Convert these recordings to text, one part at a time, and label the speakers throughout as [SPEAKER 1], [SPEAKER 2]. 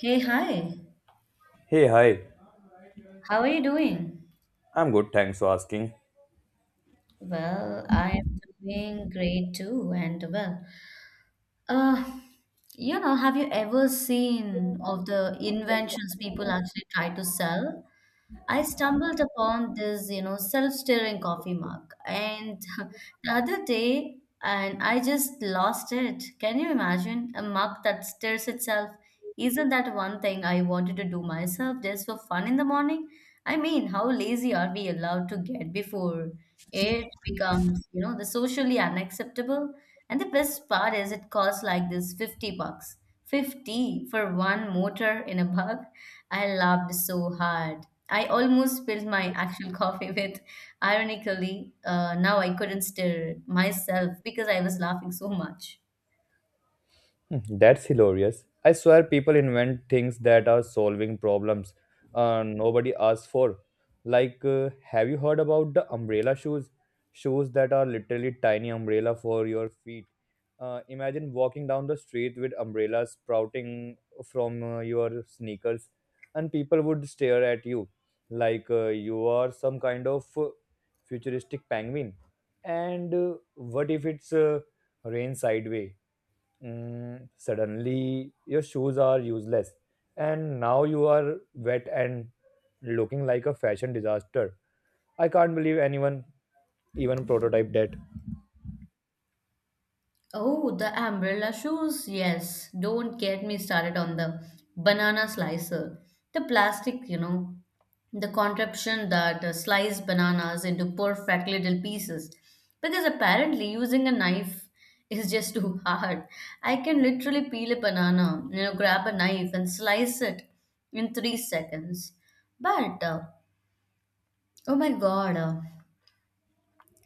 [SPEAKER 1] Hey, hi.
[SPEAKER 2] Hey, hi.
[SPEAKER 1] How are you doing?
[SPEAKER 2] I'm good, thanks for asking.
[SPEAKER 1] Well, I am doing great too, and uh, have you ever seen of the inventions people actually try to sell? I stumbled upon this, self-stirring coffee mug, and the other day, and I just lost it. Can you imagine a mug that stirs itself? Isn't that one thing I wanted to do myself just for fun in the morning? I mean, how lazy are we allowed to get before it becomes, the socially unacceptable? And the best part is it costs like this 50 bucks. 50 for one motor in a bug. I laughed so hard. I almost spilled my actual coffee with, ironically, now I couldn't stir myself because I was laughing so much.
[SPEAKER 2] Hmm, that's hilarious. I swear people invent things that are solving problems nobody asks for. Have you heard about the umbrella shoes? Shoes that are literally tiny umbrella for your feet. Imagine walking down the street with umbrellas sprouting from your sneakers, and people would stare at you like you are some kind of futuristic penguin. And what if it's rain sideways? Suddenly, your shoes are useless, and now you are wet and looking like a fashion disaster. I can't believe anyone even prototyped that.
[SPEAKER 1] Oh, the umbrella shoes. Yes, don't get me started on the banana slicer. The plastic, the contraption that slices bananas into perfect little pieces. Because apparently using a knife is just too hard. I can literally peel a banana, grab a knife and slice it in 3 seconds. But oh my god,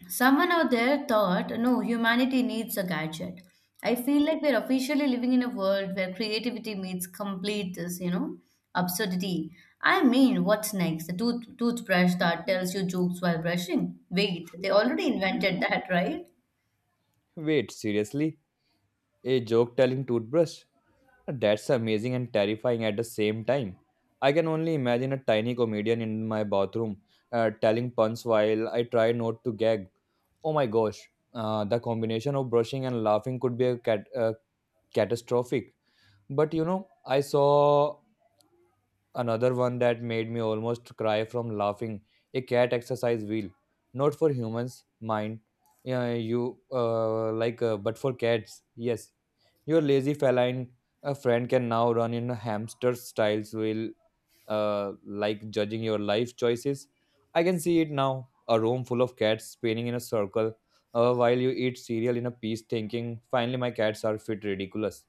[SPEAKER 1] Someone out there thought, no, humanity needs a gadget. I feel like we're officially living in a world where creativity meets complete this, absurdity. I mean, what's next? The toothbrush that tells you jokes while brushing? Wait, they already invented that, right?
[SPEAKER 2] Wait, seriously? A joke telling toothbrush? That's amazing and terrifying at the same time. I can only imagine a tiny comedian in my bathroom telling puns while I try not to gag. Oh my gosh, the combination of brushing and laughing could be a catastrophic. But I saw another one that made me almost cry from laughing. A cat exercise wheel, not for humans, mind. Yeah, you but for cats, yes. Your lazy feline friend can now run in a hamster style wheel, like judging your life choices. I can see it now. A room full of cats spinning in a circle, while you eat cereal in a piece, thinking, "Finally, my cats are fit." Ridiculous.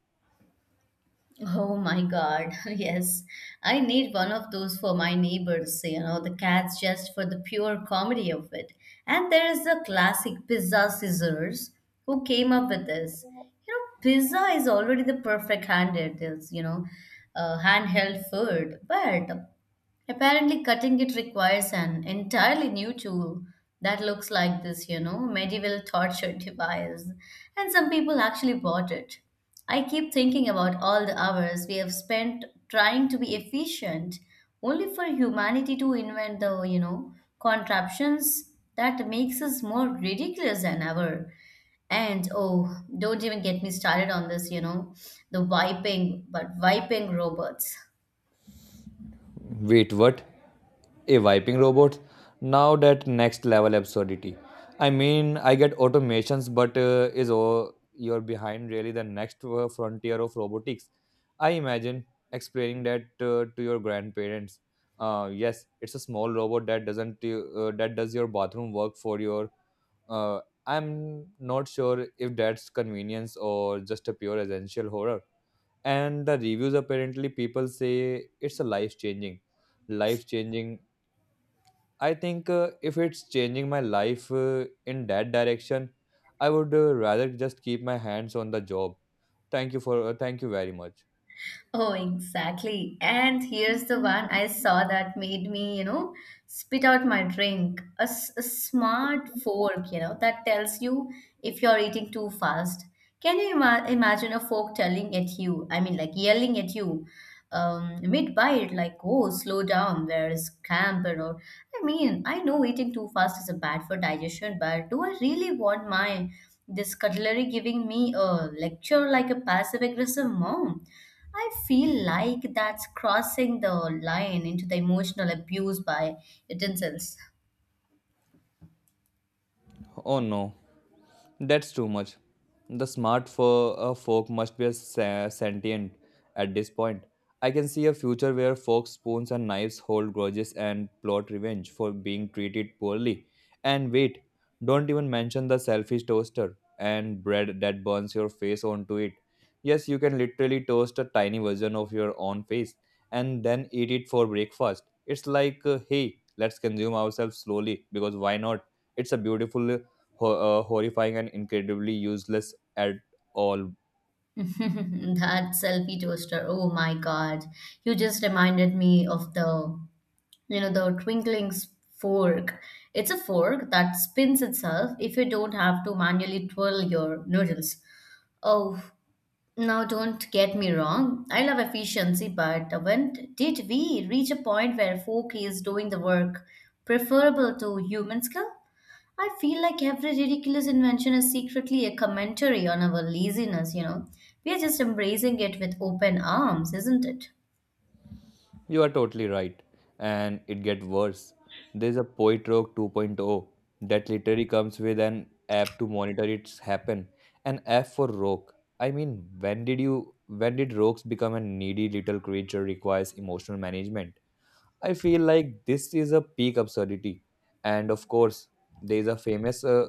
[SPEAKER 1] Oh my God, yes. I need one of those for my neighbors, the cats just for the pure comedy of it. And there is the classic pizza scissors, who came up with this? You know, pizza is already the perfect handheld food, but apparently, cutting it requires an entirely new tool that looks like this, medieval torture device. And some people actually bought it. I keep thinking about all the hours we have spent trying to be efficient, only for humanity to invent the, contraptions that makes us more ridiculous than ever. Don't even get me started on this, the wiping robots.
[SPEAKER 2] Wait, what? A wiping robot, now that next level absurdity. I mean, I get automations, but is all you're behind really the next frontier of robotics? I imagine explaining that to your grandparents. Yes, it's a small robot that doesn't that does your bathroom work for your uh, I'm not sure if that's convenience or just a pure essential horror. And the reviews, apparently people say it's a life changing I think if it's changing my life in that direction, I would rather just keep my hands on the job. Thank you for thank you very much.
[SPEAKER 1] Oh, exactly. And here's the one I saw that made me, spit out my drink. A smart fork, that tells you if you're eating too fast. Can you imagine a fork telling at you? I mean, like yelling at you mid-bite, like, oh, slow down, where is camper? Or, I mean, I know eating too fast is a bad for digestion, but do I really want my this cutlery giving me a lecture like a passive-aggressive mom? I feel like that's crossing the line into the emotional abuse by utensils.
[SPEAKER 2] Oh no. That's too much. The fork must be a sentient at this point. I can see a future where forks, spoons, and knives hold grudges and plot revenge for being treated poorly. And wait, don't even mention the selfish toaster and bread that burns your face onto it. Yes, you can literally toast a tiny version of your own face and then eat it for breakfast. It's like, hey, let's consume ourselves slowly because why not? It's a beautiful horrifying and incredibly useless at all.
[SPEAKER 1] That selfie toaster, oh my god. You just reminded me of the fork. It's a fork that spins itself if you don't have to manually twirl your noodles. Oh, now don't get me wrong. I love efficiency, but when did we reach a point where fork is doing the work preferable to human skill? I feel like every ridiculous invention is secretly a commentary on our laziness, We are just embracing it with open arms, isn't it?
[SPEAKER 2] You are totally right. And it gets worse. There's a Poet Rock 2.0 that literally comes with an app to monitor its happen. An app for rock. I mean, when did rogues become a needy little creature requires emotional management? I feel like this is a peak absurdity. And of course, there is a famous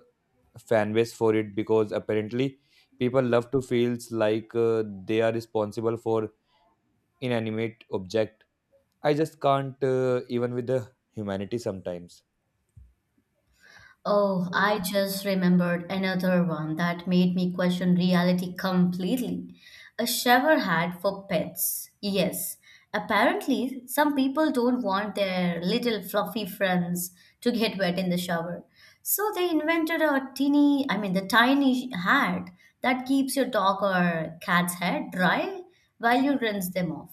[SPEAKER 2] fan base for it because apparently people love to feels like they are responsible for inanimate object. I just can't even with the humanity sometimes.
[SPEAKER 1] Oh, I just remembered another one that made me question reality completely. A shower hat for pets. Yes, apparently, some people don't want their little fluffy friends to get wet in the shower. So they invented a teeny, I mean, the tiny hat that keeps your dog or cat's head dry while you rinse them off.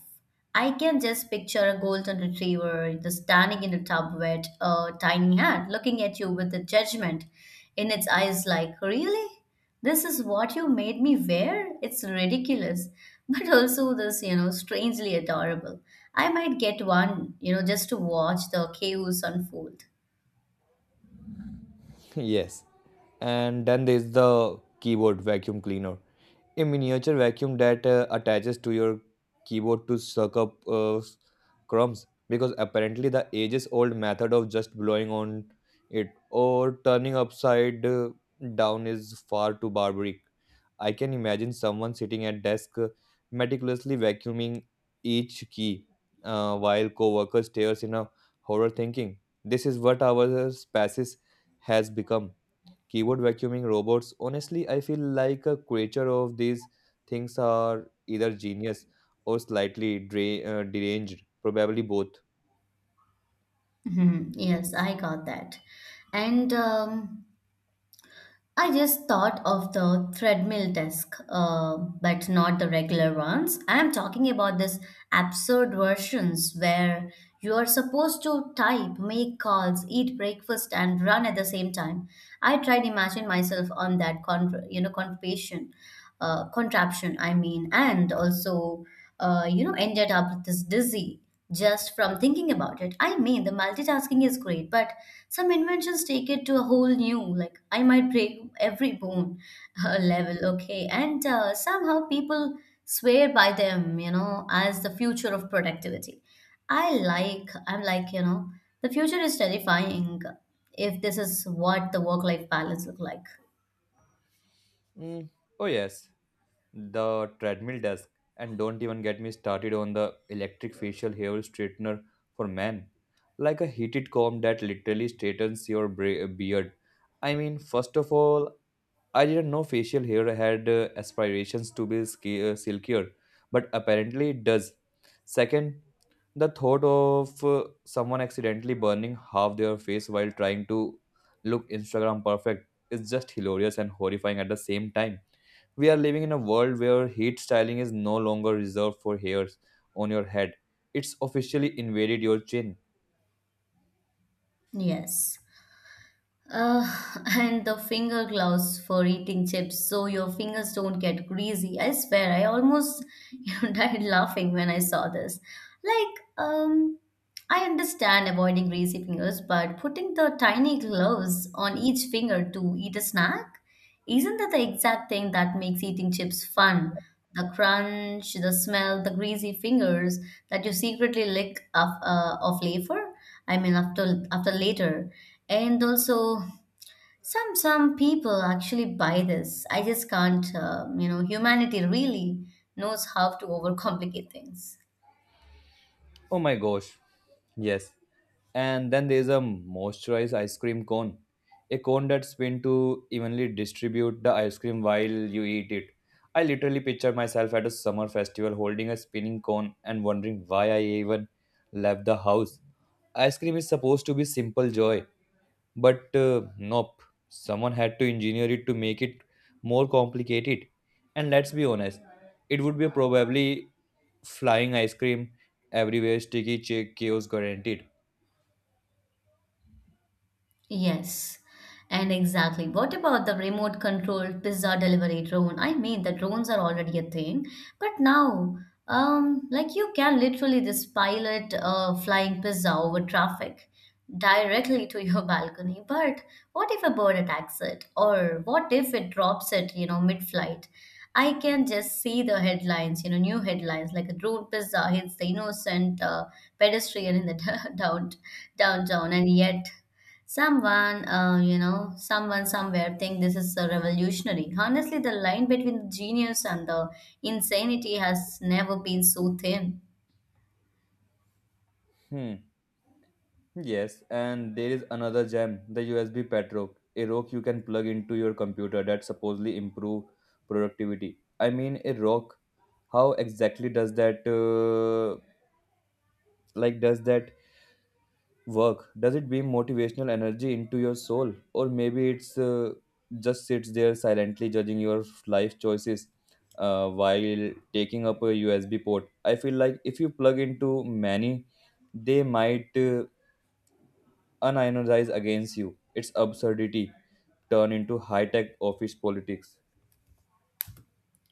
[SPEAKER 1] I can just picture a golden retriever just standing in a tub with a tiny hand, looking at you with a judgment in its eyes, like, really? This is what you made me wear? It's ridiculous. But also, this, strangely adorable. I might get one, just to watch the chaos unfold.
[SPEAKER 2] Yes. And then there's the keyboard vacuum cleaner. A miniature vacuum that attaches to your keyboard to suck up crumbs, because apparently the ages old method of just blowing on it or turning upside down is far too barbaric. I can imagine someone sitting at desk meticulously vacuuming each key while coworker stares in a horror thinking this is what our species has become. Keyboard vacuuming robots, honestly, I feel like a creature of these things are either genius or slightly deranged, probably both.
[SPEAKER 1] Mhm. Yes, I got that. And I just thought of the treadmill desk, but not the regular ones. I am talking about these absurd versions where you are supposed to type, make calls, eat breakfast, and run at the same time. I tried to imagine myself on that contraption. I mean, and also ended up with this dizzy just from thinking about it. I mean, the multitasking is great, but some inventions take it to a whole new, like, I might break every bone level, okay? And somehow people swear by them, as the future of productivity. I'm like, the future is terrifying if this is what the work life balance look like.
[SPEAKER 2] Mm. Oh, yes, the treadmill desk. And don't even get me started on the electric facial hair straightener for men. Like a heated comb that literally straightens your beard. I mean, first of all, I didn't know facial hair had aspirations to be silkier, but apparently it does. Second, the thought of someone accidentally burning half their face while trying to look Instagram perfect is just hilarious and horrifying at the same time. We are living in a world where heat styling is no longer reserved for hairs on your head, it's officially invaded your chin.
[SPEAKER 1] Yes. Uh, and the finger gloves for eating chips so your fingers don't get greasy. I swear, I almost died laughing when I saw this. Like, I understand avoiding greasy fingers, but putting the tiny gloves on each finger to eat a snack, isn't that the exact thing that makes eating chips fun? The crunch, the smell, the greasy fingers that you secretly lick off later. I mean, after later. And also some people actually buy this. I just can't. You know, humanity really knows how to overcomplicate things.
[SPEAKER 2] Oh my gosh. Yes. And then there's a moisturized ice cream cone. A cone that's spun to evenly distribute the ice cream while you eat it. I literally picture myself at a summer festival holding a spinning cone and wondering why I even left the house. Ice cream is supposed to be simple joy, but nope, someone had to engineer it to make it more complicated. And let's be honest, it would be probably flying ice cream everywhere, sticky chaos guaranteed.
[SPEAKER 1] Yes, and exactly. What about the remote controlled pizza delivery drone? I mean, the drones are already a thing, but now, like you can literally this pilot flying pizza over traffic directly to your balcony. But what if a bird attacks it, or what if it drops it, mid-flight? I can just see the headlines, new headlines like a drone pizza hits the innocent pedestrian in the downtown, and yet. Someone, someone somewhere think this is a revolutionary. Honestly, the line between the genius and the insanity has never been so thin.
[SPEAKER 2] Hmm. Yes, and there is another gem, the USB pet rock, a rock you can plug into your computer that supposedly improve productivity. I mean, a rock. How exactly does that? Does that work? Does it beam motivational energy into your soul, or maybe it's just sits there silently judging your life choices while taking up a USB port? I feel like if you plug into many, they might unionize against you. Its absurdity turn into high-tech office politics.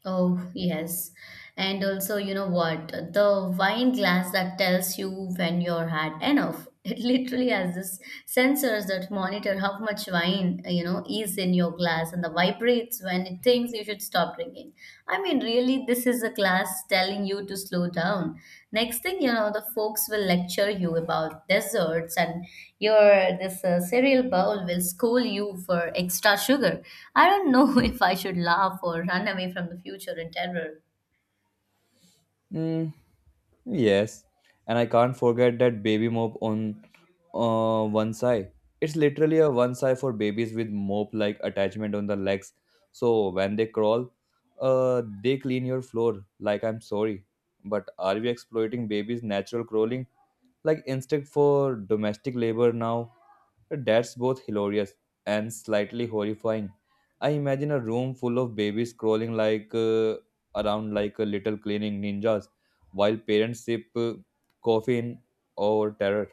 [SPEAKER 1] Oh, yes. And also, you know what? The wine glass that tells you when you're had enough. It literally has this sensors that monitor how much wine, is in your glass and the vibrates when it thinks you should stop drinking. I mean, really, this is a class telling you to slow down. Next thing you know, the folks will lecture you about desserts, and your this cereal bowl will scold you for extra sugar. I don't know if I should laugh or run away from the future in terror.
[SPEAKER 2] Mm, yes, and I can't forget that baby mop on one side. It's literally a one side for babies with mop-like attachment on the legs. So when they crawl, they clean your floor. Like I'm sorry, but are we exploiting babies' natural crawling like instinct for domestic labor now? That's both hilarious and slightly horrifying. I imagine a room full of babies crawling around like a little cleaning ninjas while parents sip coffee in or terror.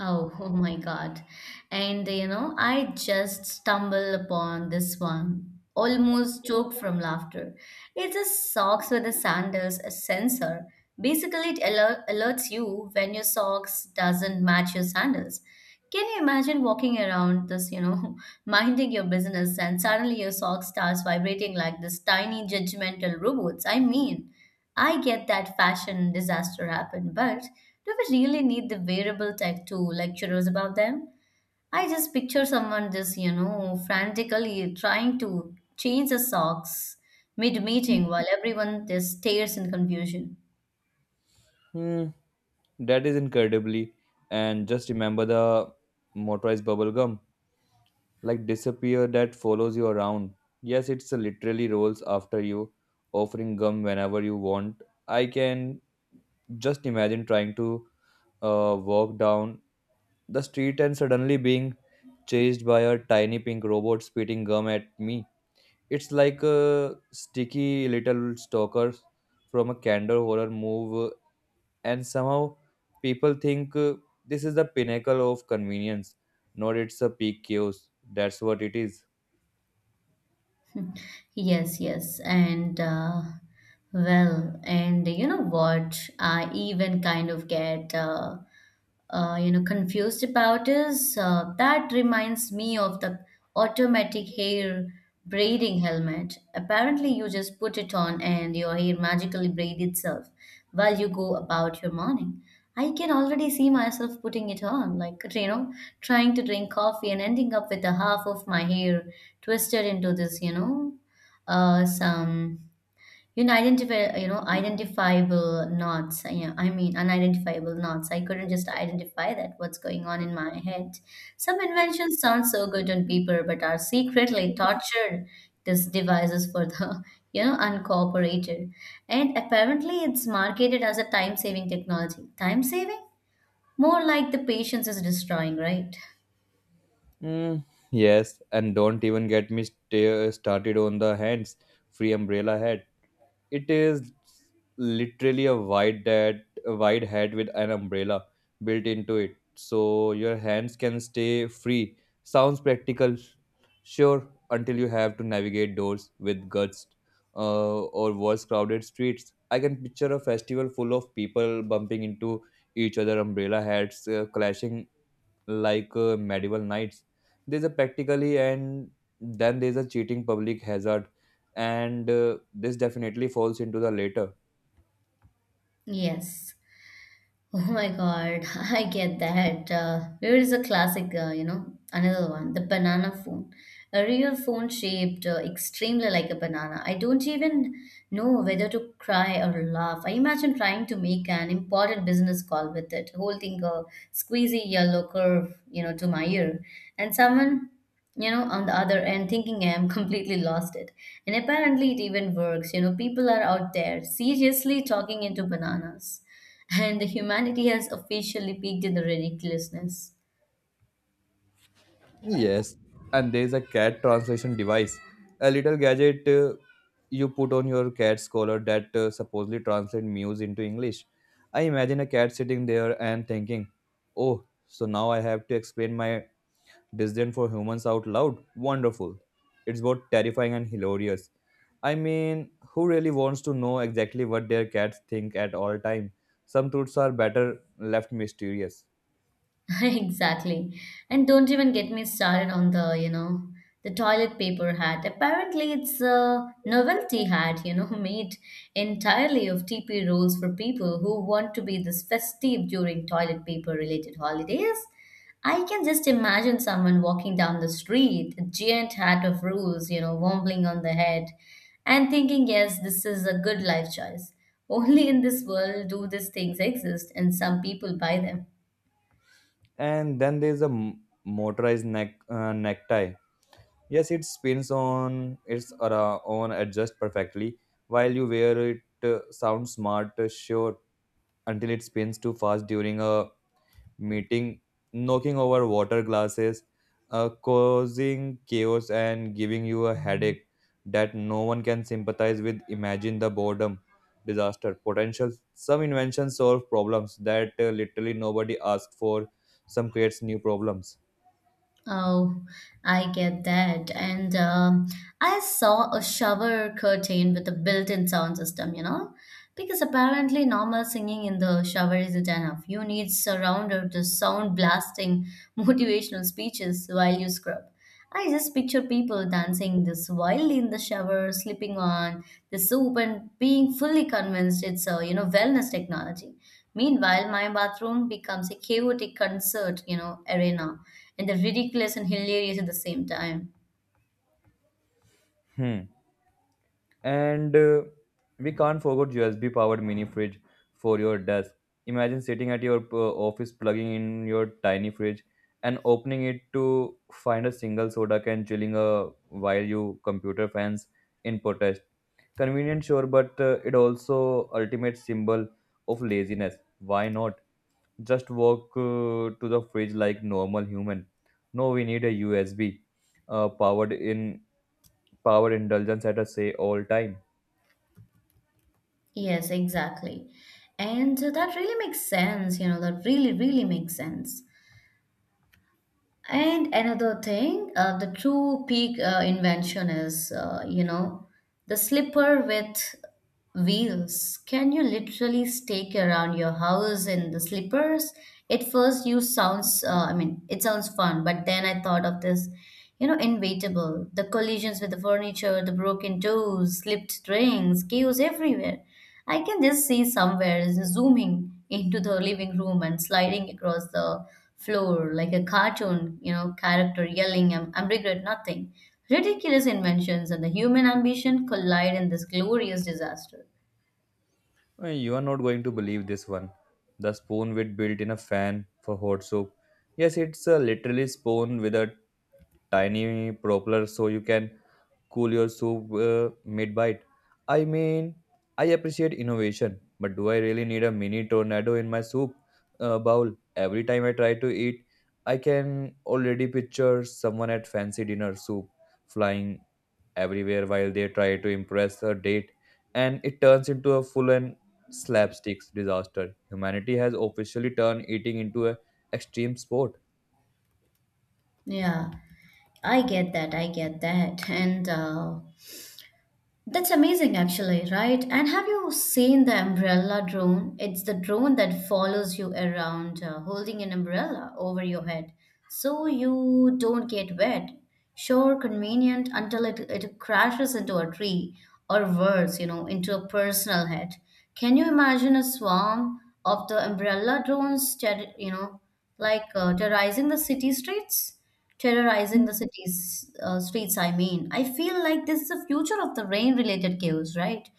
[SPEAKER 1] Oh, oh my God. And you know, I just stumbled upon this one, almost choked from laughter. It's a socks with a sandals a sensor. Basically, it alerts you when your socks doesn't match your sandals. Can you imagine walking around this, minding your business and suddenly your sock starts vibrating like this tiny judgmental robots? I mean, I get that fashion disaster happened, but do we really need the wearable tech to lecture us about them? I just picture someone just, frantically trying to change the socks mid meeting while everyone just stares in confusion.
[SPEAKER 2] Hmm, that is incredibly. And just remember the motorized bubble gum like disappear that follows you around. Yes, it's literally rolls after you offering gum whenever you want. I can just imagine trying to walk down the street and suddenly being chased by a tiny pink robot spitting gum at me. It's like a sticky little stalker from a candle horror move, and somehow people think this is the pinnacle of convenience, not it's a peak chaos. That's what it is.
[SPEAKER 1] Yes, yes. And well, and you know what? I even kind of get confused about is that reminds me of the automatic hair braiding helmet. Apparently, you just put it on and your hair magically braid itself while you go about your morning. I can already see myself putting it on, like trying to drink coffee and ending up with a half of my hair twisted into this, some you know identify you know identifiable knots. Yeah, I mean unidentifiable knots. I couldn't just identify that what's going on in my head. Some inventions sound so good on paper, but are secretly tortured these devices for the uncooperated. And apparently, it's marketed as a time-saving technology. Time saving? More like the patience is destroying, right?
[SPEAKER 2] Mm, yes, and don't even get me started on the hands free umbrella hat. It is literally a wide hat with an umbrella built into it, so your hands can stay free. Sounds practical, sure, until you have to navigate doors with guts or worse, crowded streets. I can picture a festival full of people bumping into each other, umbrella hats clashing like medieval knights. There's a practically, and then there's a cheating public hazard, and this definitely falls into the later.
[SPEAKER 1] Yes. Oh my God, I get that. There is a classic, another one, the banana phone. A real phone shaped extremely like a banana. I don't even know whether to cry or laugh. I imagine trying to make an important business call with it, holding a squeezy yellow curve, to my ear. And someone, on the other end thinking I am completely lost it. And apparently it even works. You know, people are out there seriously talking into bananas and the humanity has officially peaked in the ridiculousness.
[SPEAKER 2] Yes, and there's a cat translation device, a little gadget you put on your cat's collar that supposedly translates muse into English. I imagine a cat sitting there and thinking, oh, so now I have to explain my designed for humans out loud? Wonderful. It's both terrifying and hilarious. I mean, who really wants to know exactly what their cats think at all time? Some truths are better left mysterious.
[SPEAKER 1] Exactly. And don't even get me started on the, the toilet paper hat. Apparently, it's a novelty hat, made entirely of TP rolls for people who want to be this festive during toilet paper related holidays. I can just imagine someone walking down the street, a giant hat of rules, wobbling on the head, and thinking, yes, this is a good life choice. Only in this world do these things exist, and some people buy them.
[SPEAKER 2] And then there's a motorized necktie. Yes, it spins on its own adjust perfectly. While you wear it, sounds smart, sure, until it spins too fast during a meeting, knocking over water glasses, causing chaos, and giving you a headache that no one can sympathize with. Imagine the boredom, disaster, potential. Some inventions solve problems that literally nobody asked for. Some creates new problems.
[SPEAKER 1] Oh, I get that. And I saw a shower curtain with a built-in sound system, because apparently normal singing in the shower isn't enough. You need surrounder to sound blasting motivational speeches while you scrub. I just picture people dancing this wildly in the shower, slipping on the soap, and being fully convinced it's a wellness technology. Meanwhile, my bathroom becomes a chaotic concert, arena, and the ridiculous and hilarious at the same time.
[SPEAKER 2] Hmm. And we can't forget USB powered mini fridge for your desk. Imagine sitting at your office plugging in your tiny fridge and opening it to find a single soda can chilling while you computer fans in protest. Convenient, sure, but it also ultimate symbol of laziness. Why not? Just walk to the fridge like normal human. No, we need a USB powered in power indulgence at a say all time.
[SPEAKER 1] Yes, exactly. And that really makes sense, that really, really makes sense. And another thing, the true peak invention is, the slipper with wheels. Can you literally stake around your house in the slippers? At first, I mean, it sounds fun, but then I thought of this, inevitable. The collisions with the furniture, the broken toes, slipped rings, chaos everywhere. I can just see somewhere zooming into the living room and sliding across the floor like a cartoon, character yelling, I'm regret nothing. Ridiculous inventions and the human ambition collide in this glorious disaster.
[SPEAKER 2] You are not going to believe this one. The spoon with built in a fan for hot soup. Yes, it's a literally spoon with a tiny propeller so you can cool your soup mid bite. I mean, I appreciate innovation, but do I really need a mini tornado in my soup bowl? Every time I try to eat, I can already picture someone at fancy dinner soup flying everywhere while they try to impress a date, and it turns into a full and slapsticks disaster. Humanity has officially turned eating into an extreme sport.
[SPEAKER 1] Yeah, I get that. I get that. And that's amazing, actually, right? And have you seen the umbrella drone? It's the drone that follows you around, holding an umbrella over your head so you don't get wet. Sure, convenient until it crashes into a tree or worse, into a personal head. Can you imagine a swarm of the umbrella drones, terrorizing the city streets? Terrorizing the cities streets. I mean, I feel like this is the future of the rain related chaos, right?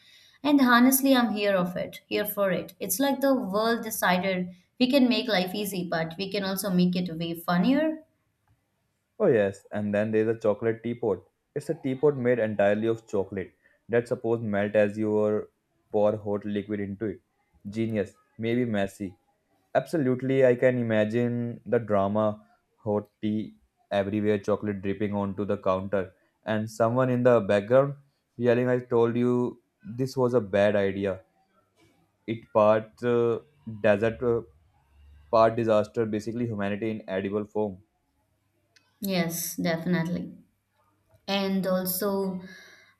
[SPEAKER 1] And honestly, I'm here for it. It's like the world decided we can make life easy but we can also make it way funnier.
[SPEAKER 2] Oh, yes, and then there's a chocolate teapot. It's a teapot made entirely of chocolate that suppose melt as you or pour hot liquid into it. Genius, maybe messy. Absolutely, I can imagine the drama, hot tea everywhere, chocolate dripping onto the counter, and someone in the background yelling, "I told you this was a bad idea." It part desert, part disaster, basically humanity in edible form.
[SPEAKER 1] Yes, definitely. And also,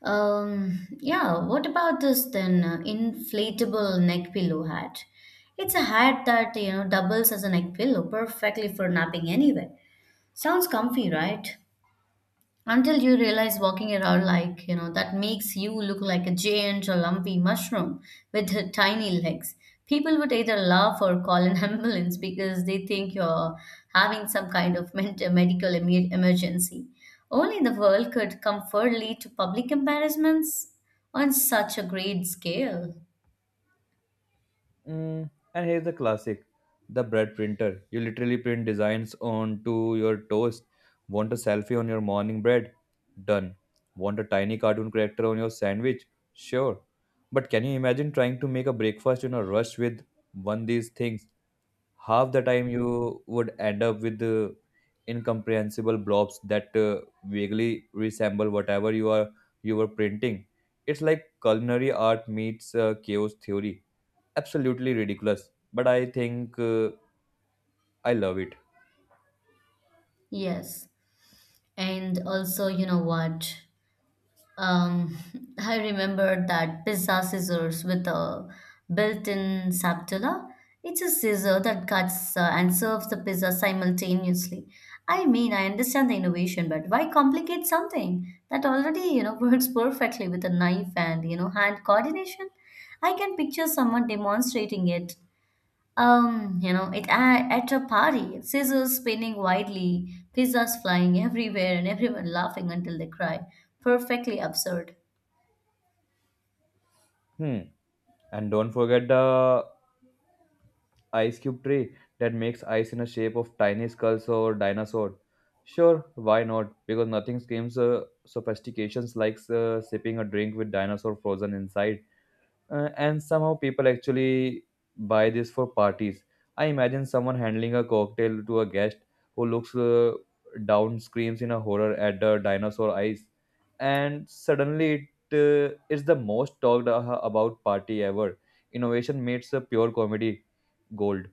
[SPEAKER 1] yeah, what about this then, inflatable neck pillow hat? It's a hat that doubles as a neck pillow perfectly for napping anywhere. Sounds comfy, right? Until you realize walking around like that makes you look like a giant or lumpy mushroom with tiny legs. People would either laugh or call an ambulance because they think you're having some kind of medical emergency. Only the world could comfort lead to public embarrassments on such a great scale.
[SPEAKER 2] Mm, and here's the classic, the bread printer. You literally print designs onto your toast. Want a selfie on your morning bread? Done. Want a tiny cartoon character on your sandwich? Sure. But can you imagine trying to make a breakfast in a rush with one these things? Half the time you would end up with incomprehensible blobs that vaguely resemble whatever you were printing. It's like culinary art meets chaos theory. Absolutely ridiculous, but I think I love it.
[SPEAKER 1] Yes. And also, you know what? Um, I remember that pizza scissors with a built-in spatula. It's a scissor that cuts and serves the pizza simultaneously. I mean, I understand the innovation, but why complicate something that already, works perfectly with a knife and, hand coordination? I can picture someone demonstrating it at a party, scissors spinning wildly, pizzas flying everywhere, and everyone laughing until they cry. Perfectly absurd.
[SPEAKER 2] Hmm. And don't forget the ice cube tray that makes ice in a shape of tiny skulls or dinosaur. Sure, why not, because nothing screams sophistications like sipping a drink with dinosaur frozen inside. And somehow people actually buy this for parties. I imagine someone handling a cocktail to a guest who looks down, screams in a horror at the dinosaur eyes, and suddenly it is the most about party ever. Innovation meets a pure comedy gold.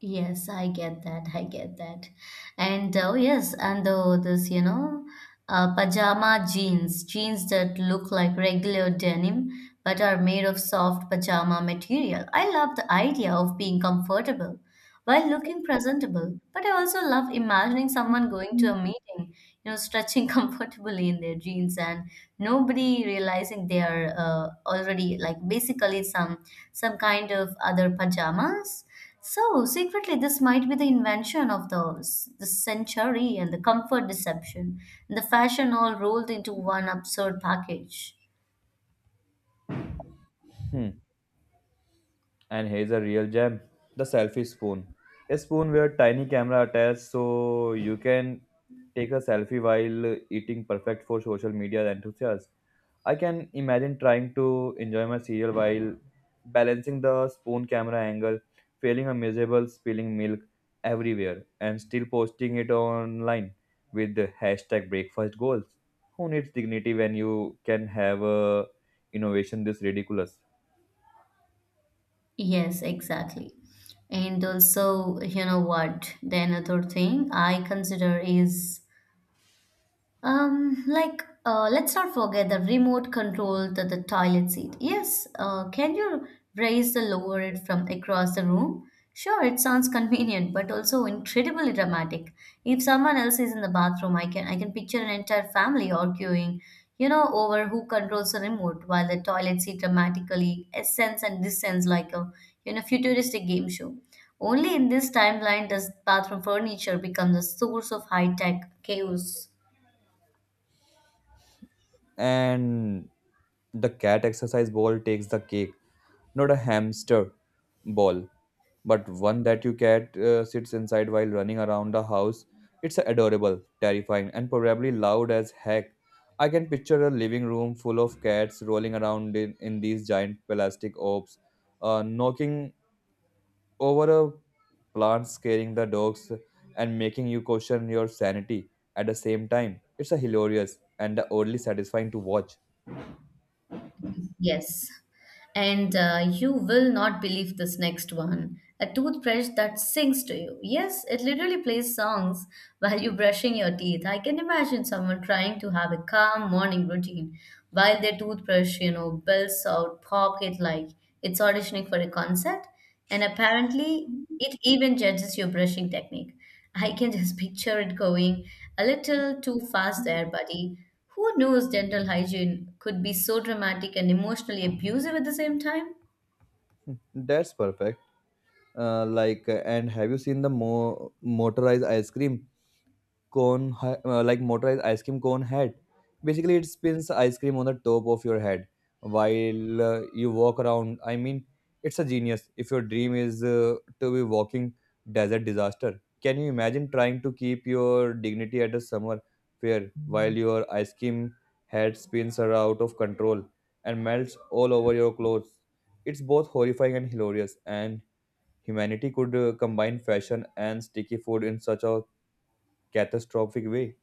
[SPEAKER 1] Yes, I get that. I get that. And oh yes, and the pajama jeans, jeans that look like regular denim but are made of soft pajama material. I love the idea of being comfortable while looking presentable, but I also love imagining someone going to a meeting, stretching comfortably in their jeans and nobody realizing they are already like basically some kind of other pajamas. So secretly, this might be the invention of the century and the comfort deception and the fashion all rolled into one absurd package.
[SPEAKER 2] Hmm. And here's a real gem, the selfie spoon. A spoon with a tiny camera attached so you can take a selfie while eating, perfect for social media enthusiasts. I can imagine trying to enjoy my cereal while balancing the spoon camera angle, feeling a miserable spilling milk everywhere, and still posting it online with the hashtag breakfast goals. Who needs dignity when you can have a innovation this ridiculous?
[SPEAKER 1] Yes, exactly. And also, you know what? The another thing I consider is like, let's not forget the remote control to the toilet seat. Yes, can you raise the lower it from across the room? Sure, it sounds convenient, but also incredibly dramatic. If someone else is in the bathroom, I can picture an entire family arguing, over who controls the remote, while the toilet seat dramatically ascends and descends like a futuristic game show. Only in this timeline does bathroom furniture become the source of high tech chaos.
[SPEAKER 2] And the cat exercise ball takes the cake, not a hamster ball, but one that you cat sits inside while running around the house. It's adorable, terrifying, and probably loud as heck. I can picture a living room full of cats rolling around in these giant plastic orbs, knocking over a plant, scaring the dogs, and making you question your sanity at the same time. It's a hilarious and oddly satisfying to watch.
[SPEAKER 1] Yes. And you will not believe this next one. A toothbrush that sings to you. Yes, it literally plays songs while you're brushing your teeth. I can imagine someone trying to have a calm morning routine while their toothbrush, bells out pocket like it's auditioning for a concert. And apparently, it even judges your brushing technique. I can just picture it going a little too fast there, buddy. Who knows dental hygiene could be so dramatic and emotionally abusive at the same time?
[SPEAKER 2] That's perfect. And have you seen the motorized ice cream cone, like motorized ice cream cone head? Basically, it spins ice cream on the top of your head while you walk around. I mean, it's a genius. If your dream is to be walking desert disaster, can you imagine trying to keep your dignity at a summer fair while your ice cream head spins are out of control and melts all over your clothes? It's both horrifying and hilarious, and humanity could combine fashion and sticky food in such a catastrophic way.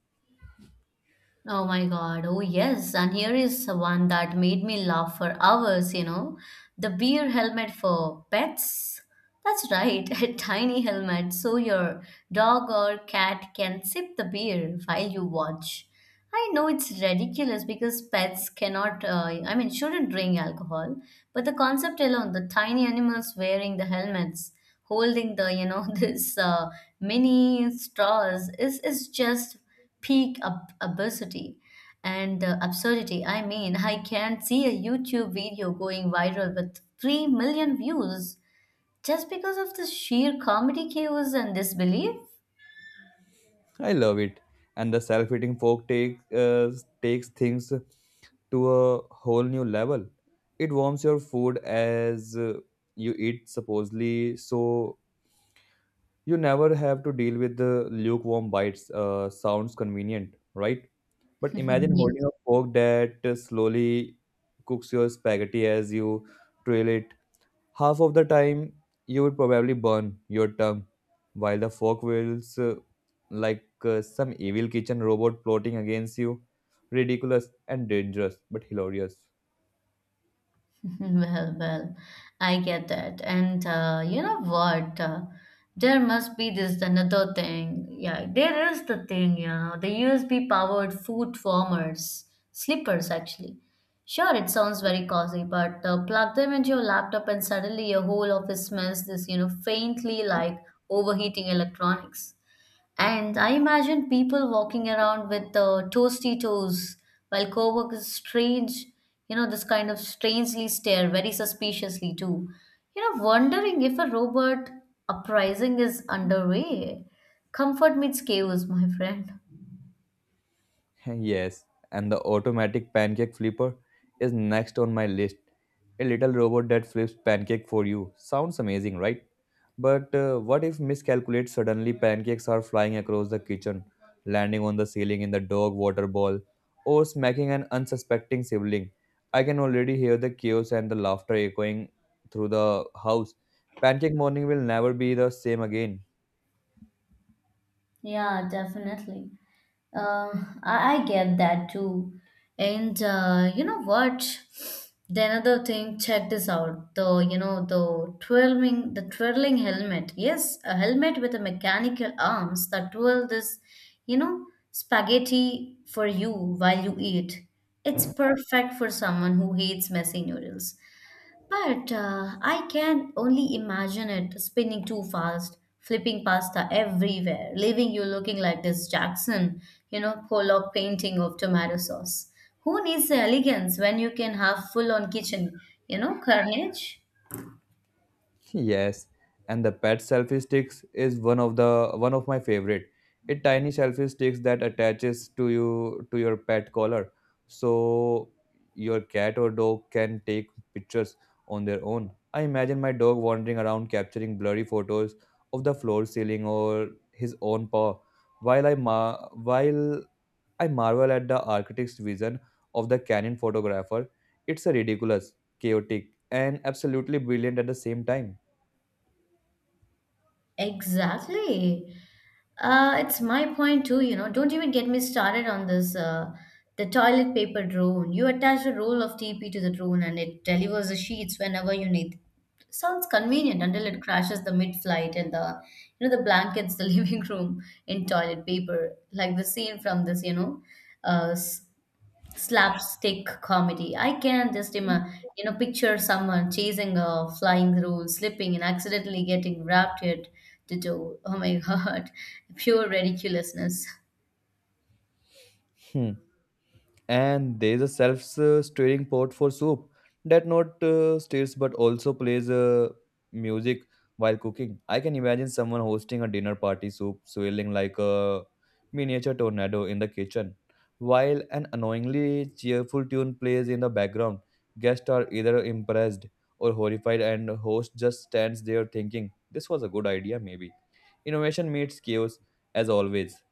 [SPEAKER 1] Oh my God. Oh, yes. And here is one that made me laugh for hours. The beer helmet for pets. That's right, a tiny helmet so your dog or cat can sip the beer while you watch. I know it's ridiculous because pets cannot, I mean, shouldn't drink alcohol, but the concept alone, the tiny animals wearing the helmets holding the this mini straws is just peak absurdity. And absurdity, I mean, I can't see a YouTube video going viral with 3 million views just because of the sheer comedy cues and disbelief.
[SPEAKER 2] I love it. And the self-eating fork takes things to a whole new level. It warms your food as you eat, supposedly, so you never have to deal with the lukewarm bites. Sounds convenient, right? But imagine
[SPEAKER 1] Yeah.
[SPEAKER 2] holding a fork that slowly cooks your spaghetti as you trail it. Half of the time you would probably burn your tongue while the fork whirls like some evil kitchen robot plotting against you. Ridiculous and dangerous, but hilarious.
[SPEAKER 1] Well, I get that. And you know what? There must be this another thing. Yeah, there is the thing, the USB powered foot warmers, slippers actually. Sure, it sounds very cozy, but plug them into your laptop and suddenly your whole office smells this, faintly like overheating electronics. And I imagine people walking around with toasty toes while coworkers strange, this kind of strangely stare very suspiciously too. Wondering if a robot uprising is underway. Comfort meets chaos, my friend.
[SPEAKER 2] Yes, and the automatic pancake flipper is next on my list. A little robot that flips pancake for you. Sounds amazing, right? But what if miscalculate, suddenly pancakes are flying across the kitchen, landing on the ceiling in the dog water bowl, or smacking an unsuspecting sibling? I can already hear the chaos and the laughter echoing through the house. Pancake morning will never be the same again.
[SPEAKER 1] Yeah, definitely. Uh, I get that too. And you know what? The another thing, check this out. The you know the twirling helmet. Yes, a helmet with a mechanical arms that twirl this, spaghetti for you while you eat. It's perfect for someone who hates messy noodles. But I can only imagine it spinning too fast, flipping pasta everywhere, leaving you looking like this Jackson, Pollock painting of tomato sauce. Who needs the elegance when you can have full on kitchen, carnage?
[SPEAKER 2] Yes, and the pet selfie sticks is one of my favorite. It tiny selfie sticks that attaches to you to your pet collar, so your cat or dog can take pictures on their own. I imagine my dog wandering around capturing blurry photos of the floor, ceiling, or his own paw, while I marvel at the architect's vision of the Canon photographer. It's a ridiculous, chaotic, and absolutely brilliant at the same time.
[SPEAKER 1] Exactly. It's my point too. Don't even get me started on this the toilet paper drone. You attach a roll of TP to the drone and it delivers the sheets whenever you need. Sounds convenient until it crashes the mid-flight and the you know the blankets, the living room in toilet paper, like the scene from this, uh, s- slapstick comedy. I can just picture someone chasing a flying rule, slipping and accidentally getting wrapped it to door. Oh my God, pure ridiculousness.
[SPEAKER 2] Hmm. And there is a self-stirring pot for soup that not stirs but also plays music while cooking. I can imagine someone hosting a dinner party, soup swirling like a miniature tornado in the kitchen, while an annoyingly cheerful tune plays in the background. Guests are either impressed or horrified, and the host just stands there thinking, "This was a good idea, maybe." Innovation meets chaos, as always.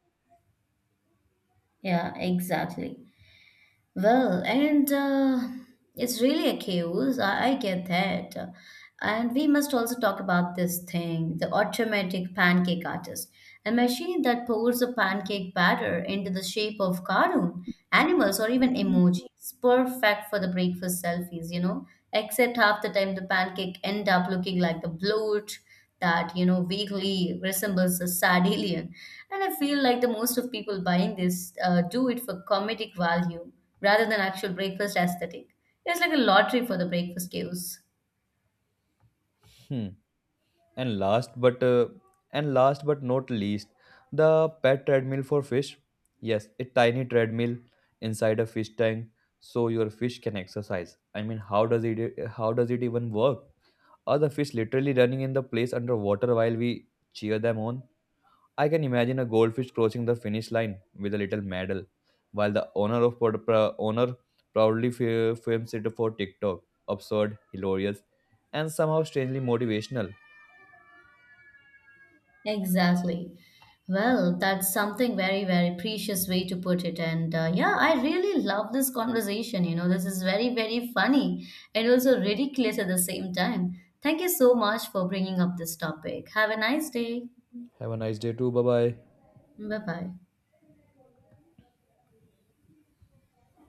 [SPEAKER 1] Yeah, exactly. Well, and it's really accused. I get that. And we must also talk about this thing, the automatic pancake artist, a machine that pours the pancake batter into the shape of cartoon, animals, or even emojis. Perfect for the breakfast selfies. Except half the time the pancake end up looking like the bloat that vaguely resembles a sardelian. And I feel like the most of people buying this do it for comedic value rather than actual breakfast aesthetic. It's like a lottery for the breakfast cues.
[SPEAKER 2] Hmm. and last but uh, and last but not least, the pet treadmill for fish. Yes, a tiny treadmill inside a fish tank so your fish can exercise. I mean, how does it even work? Are the fish literally running in the place underwater while we cheer them on? I can imagine a goldfish crossing the finish line with a little medal while the owner proudly films it for TikTok. Absurd, hilarious, and somehow strangely motivational.
[SPEAKER 1] Exactly. Well, that's something very, very precious way to put it. And yeah, I really love this conversation. This is very, very funny and also ridiculous at the same time. Thank you so much for bringing up this topic. Have a nice day.
[SPEAKER 2] Have a nice day too. Bye bye.
[SPEAKER 1] Bye bye.